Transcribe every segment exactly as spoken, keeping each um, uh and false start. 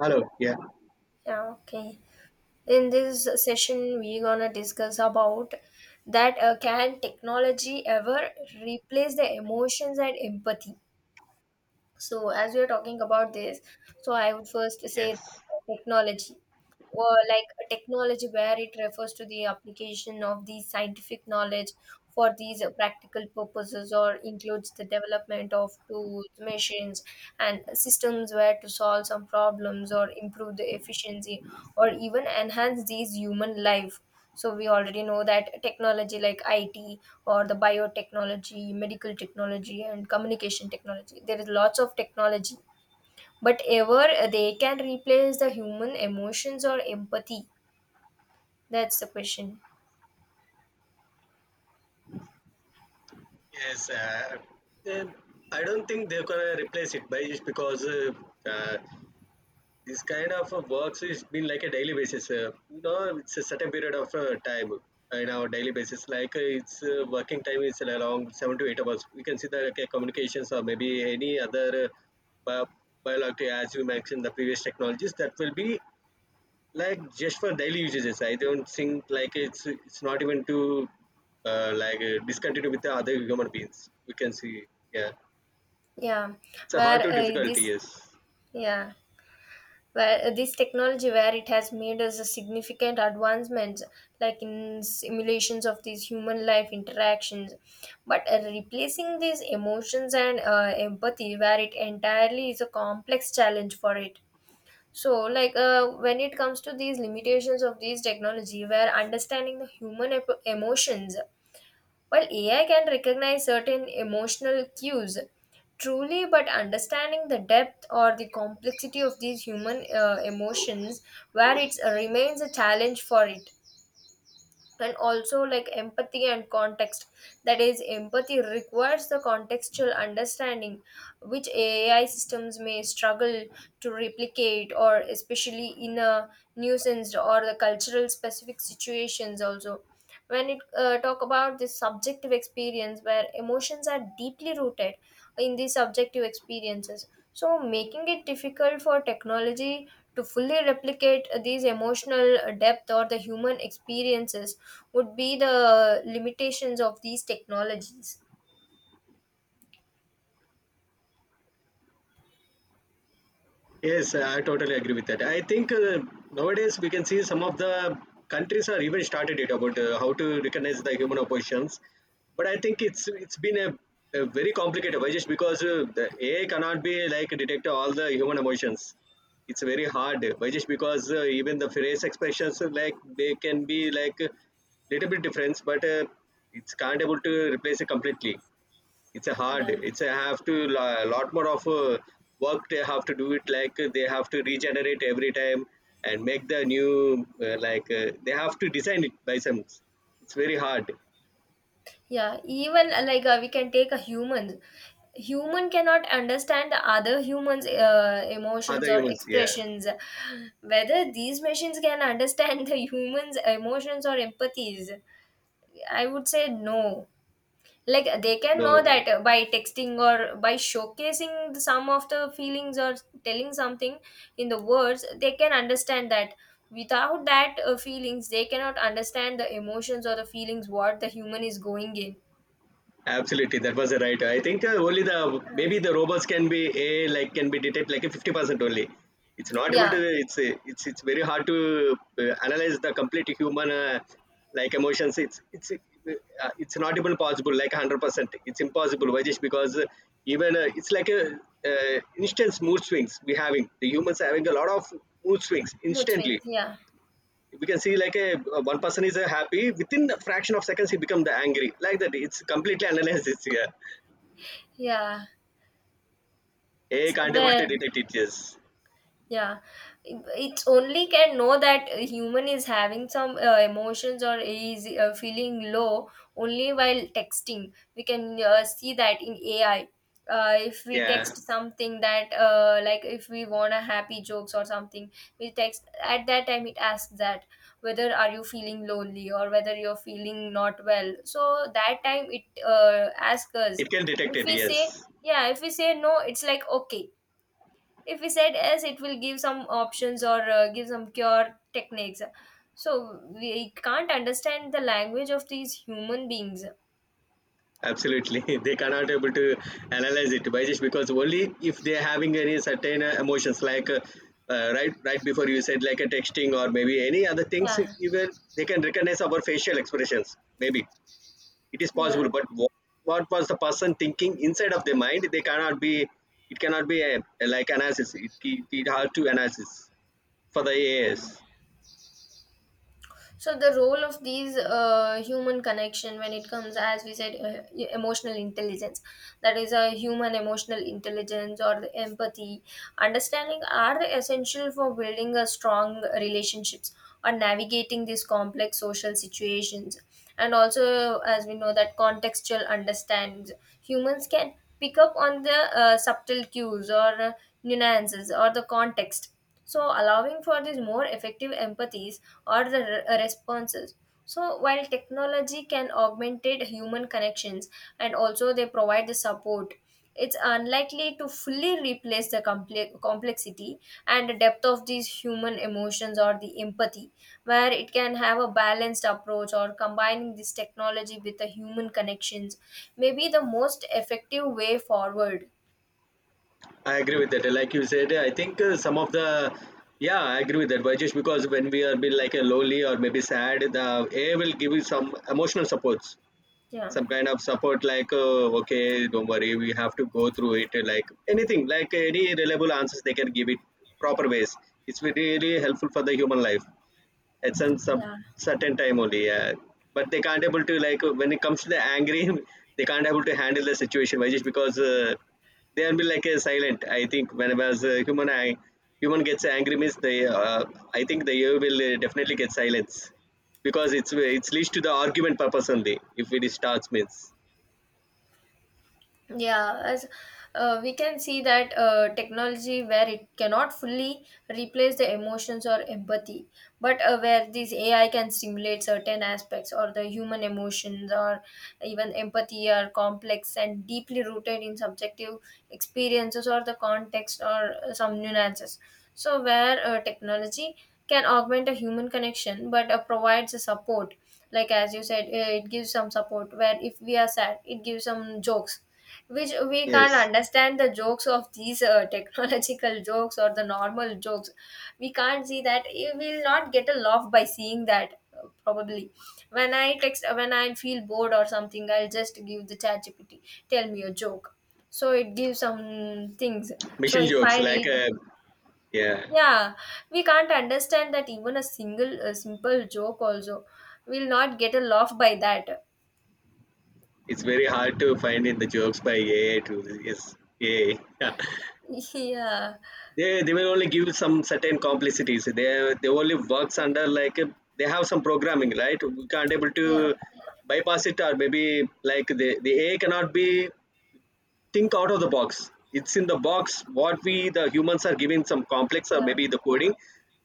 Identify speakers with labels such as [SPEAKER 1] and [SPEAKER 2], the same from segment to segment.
[SPEAKER 1] Hello. Yeah.
[SPEAKER 2] Yeah, okay. In this session, we're gonna discuss about that uh, can technology ever replace the emotions and empathy? So, as we're talking about this, so I would first say
[SPEAKER 1] Yes,
[SPEAKER 2] technology, or like a technology where it refers to the application of the scientific knowledge for these uh, practical purposes, or includes the development of tools, machines and systems where to solve some problems or improve the efficiency or even enhance these human life. So we already know that technology like I T or the biotechnology, medical technology and communication technology, there is lots of technology. But ever they can replace the human emotions or empathy? That's the question.
[SPEAKER 1] yes. Uh, then I don't think they're gonna replace it, by just because uh, uh, this kind of uh, works is been like a daily basis. Uh, you know, it's a certain period of uh, time uh, in our daily basis. Like uh, it's uh, working time is around seven to eight hours. We can see that okay, communications or maybe any other uh, bi- biological, as you mentioned, the previous technologies that will be like just for daily usages. Yes. i don't think like it's it's not even to uh, like uh, discontinue with the other human beings, we can see. Yeah,
[SPEAKER 2] Yeah,
[SPEAKER 1] it's a
[SPEAKER 2] where
[SPEAKER 1] hard to
[SPEAKER 2] uh,
[SPEAKER 1] difficulty.
[SPEAKER 2] this,
[SPEAKER 1] Yes.
[SPEAKER 2] yeah, where uh, this technology where it has made us a significant advancements like in simulations of these human life interactions, but uh, replacing these emotions and uh, empathy where it entirely is a complex challenge for it. So like uh, when it comes to these limitations of these technology where understanding the human ep- emotions. While A I can recognize certain emotional cues, truly, but understanding the depth or the complexity of these human uh, emotions, where it remains a challenge for it. And also like empathy and context, that is empathy requires the contextual understanding which A I systems may struggle to replicate, or especially in a nuisance or the cultural specific situations also. When it uh, talk about this subjective experience where emotions are deeply rooted in these subjective experiences, so making it difficult for technology to fully replicate these emotional depth or the human experiences would be the limitations of these technologies.
[SPEAKER 1] Yes, I totally agree with that. I think uh, nowadays we can see some of the countries are even started it about uh, how to recognize the human oppositions. But I think it's it's been a, a very complicated way, just because uh, the A I cannot be like detect all the human emotions. It's very hard, but just because uh, even the face expressions uh, like they can be like a little bit different, but uh, it's can't able to replace it completely. It's a hard,
[SPEAKER 2] Yeah.
[SPEAKER 1] it's a have to a lot more of uh, work they have to do it, like uh, they have to regenerate every time and make the new uh, like uh, they have to design it by some, it's very hard.
[SPEAKER 2] Yeah, even uh, like uh, we can take a human. Human cannot understand the other humans uh, emotions
[SPEAKER 1] Other
[SPEAKER 2] or
[SPEAKER 1] humans, yeah.
[SPEAKER 2] expressions, whether these machines can understand the humans emotions or empathies. I would say no. Like, they can know
[SPEAKER 1] No.
[SPEAKER 2] that uh, by texting or by showcasing the- some of the feelings or telling something in the words, they can understand that. Without that uh, feelings, they cannot understand the emotions or the feelings what the human is going in.
[SPEAKER 1] Absolutely, that was right. I think uh, only the
[SPEAKER 2] Yeah.
[SPEAKER 1] maybe the robots can be a like can be detect like a fifty percent only. It's not able
[SPEAKER 2] Yeah,
[SPEAKER 1] to. It's uh, it's it's very hard to uh, analyze the complete human uh, like emotions. It's it's uh, it's not even possible like hundred percent. It's impossible. Why? Just because uh, even uh, it's like a uh, instant mood swings, we having the humans having a lot of mood swings
[SPEAKER 2] mood
[SPEAKER 1] instantly.
[SPEAKER 2] swings. Yeah.
[SPEAKER 1] We can see like a one person is a happy, within a fraction of seconds he become the angry, like that it's completely analyzed this here.
[SPEAKER 2] Yeah,
[SPEAKER 1] AI
[SPEAKER 2] it's
[SPEAKER 1] can't able to
[SPEAKER 2] where.
[SPEAKER 1] detect it. Yes.
[SPEAKER 2] Yeah, it- it's only can know that a human is having some uh, emotions or is uh, feeling low only while texting. We can uh, see that in A I. Uh, if we
[SPEAKER 1] Yeah,
[SPEAKER 2] text something that uh, like if we want a happy jokes or something, we text at that time, it asks that whether are you feeling lonely or whether you're feeling not well. So that time it uh, asks us.
[SPEAKER 1] it can detect
[SPEAKER 2] If
[SPEAKER 1] it.
[SPEAKER 2] we say,
[SPEAKER 1] Yes.
[SPEAKER 2] yeah, if we say no, it's like okay. If we said yes, it will give some options or uh, give some cure techniques. So we can't understand the language of these human beings.
[SPEAKER 1] Absolutely. They cannot able to analyze it, by just because only if they're having any certain uh, emotions like uh, uh, right right before you said like a texting or maybe any other things.
[SPEAKER 2] Yeah.
[SPEAKER 1] Even they can recognize our facial expressions maybe. It is possible,
[SPEAKER 2] Yeah,
[SPEAKER 1] but what, what was the person thinking inside of their mind? They cannot be. It cannot be a, a like analysis. It, it it has to analysis for the A A S.
[SPEAKER 2] yeah. So the role of these uh, human connection when it comes, as we said, uh, e- emotional intelligence, that is a human emotional intelligence or the empathy, understanding are essential for building a strong relationships or navigating these complex social situations. And also, as we know, that contextual understandings, humans can pick up on the uh, subtle cues or uh, nuances or the context, so allowing for these more effective empathies or the re- responses. So, while technology can augment human connections and also they provide the support, it's unlikely to fully replace the comple- complexity and the depth of these human emotions or the empathy, where it can have a balanced approach or combining this technology with the human connections may be the most effective way forward.
[SPEAKER 1] I agree with that. Like you said, I think uh, some of the, yeah, I agree with that. But just because when we are being like a lowly or maybe sad, the A I will give you some emotional supports,
[SPEAKER 2] Yeah.
[SPEAKER 1] some kind of support, like uh, okay, don't worry, we have to go through it. Like anything, like any reliable answers they can give it proper ways. It's really helpful for the human life, at some, some
[SPEAKER 2] Yeah.
[SPEAKER 1] certain time only. Yeah. But they can't able to, like when it comes to the angry, they can't able to handle the situation. Why? Just because uh, they will be like uh, silent. I think whenever as a human, I, human gets angry means they. Uh, I think the ear will uh, definitely get silence, because it's it's leads to the argument purpose only. If it starts means,
[SPEAKER 2] Yeah, as uh, we can see that uh, technology where it cannot fully replace the emotions or empathy, but uh, where this A I can stimulate certain aspects or the human emotions or even empathy are complex and deeply rooted in subjective experiences or the context or uh, some nuances. So where uh, technology can augment a human connection, but uh, provides a support, like as you said, uh, it gives some support. Where if we are sad, it gives some jokes, which we can't
[SPEAKER 1] yes,
[SPEAKER 2] understand the jokes of these uh, technological jokes or the normal jokes. We can't see that. You will not get a laugh by seeing that uh, probably when I text, uh, when I feel bored or something, I'll just give the chat G P T tell me a joke. So it gives some things. So
[SPEAKER 1] mission
[SPEAKER 2] if I
[SPEAKER 1] jokes like
[SPEAKER 2] read,
[SPEAKER 1] uh, yeah.
[SPEAKER 2] yeah, we can't understand that even a single, a simple joke also, will not get a laugh by that.
[SPEAKER 1] It's very hard to find in the jokes by A A to, yes, A A.
[SPEAKER 2] Yeah.
[SPEAKER 1] they they will only give you some certain complexities. they they only works under like uh, they have some programming, right? We can't able to
[SPEAKER 2] Yeah.
[SPEAKER 1] bypass it, or maybe like the the AI cannot be think out of the box. It's in the box what we the humans are giving some complex or
[SPEAKER 2] Yeah.
[SPEAKER 1] maybe the coding,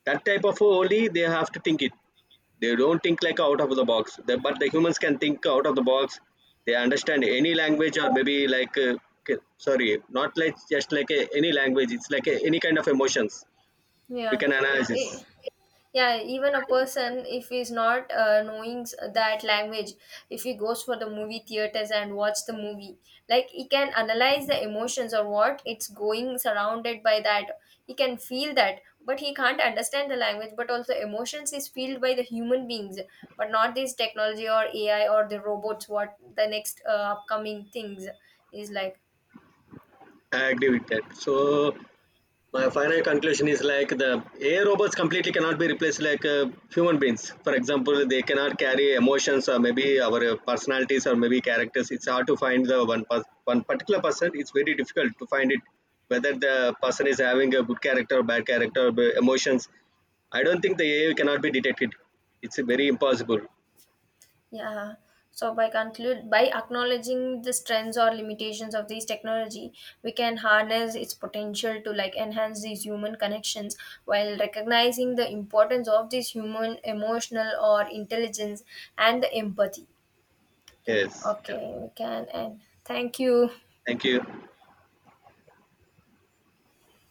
[SPEAKER 1] that type of only they have to think it. They don't think like out of the box. The- but the humans can think out of the box. They understand any language or maybe like uh, k- sorry, not like just like a, any language, it's like a, any kind of emotions we
[SPEAKER 2] Yeah.
[SPEAKER 1] can analysis.
[SPEAKER 2] Eh, yeah, even a person if he's not uh, knowing s- that language, if he goes for the movie theaters and watch the movie, like he can analyze the emotions or what it's going surrounded by that. He can feel that but he can't understand the language, but also emotions is felt by the human beings, but not this technology or A I or the robots what the next uh, upcoming things is like.
[SPEAKER 1] I agree with that. So my final conclusion is like the A I robots completely cannot be replaced like uh, human beings. For example, they cannot carry emotions or maybe our uh, personalities or maybe characters. It's hard to find the one pers- one particular person. It's very difficult to find it whether the person is having a good character or bad character or b- emotions. I don't think the A I cannot be detected. It's uh, very impossible.
[SPEAKER 2] Yeah. So by conclude, by acknowledging the strengths or limitations of these technology, we can harness its potential to like enhance these human connections while recognizing the importance of this human emotional or intelligence and the empathy.
[SPEAKER 1] Yes. Yeah.
[SPEAKER 2] Okay, we can end. Thank you.
[SPEAKER 1] Thank you.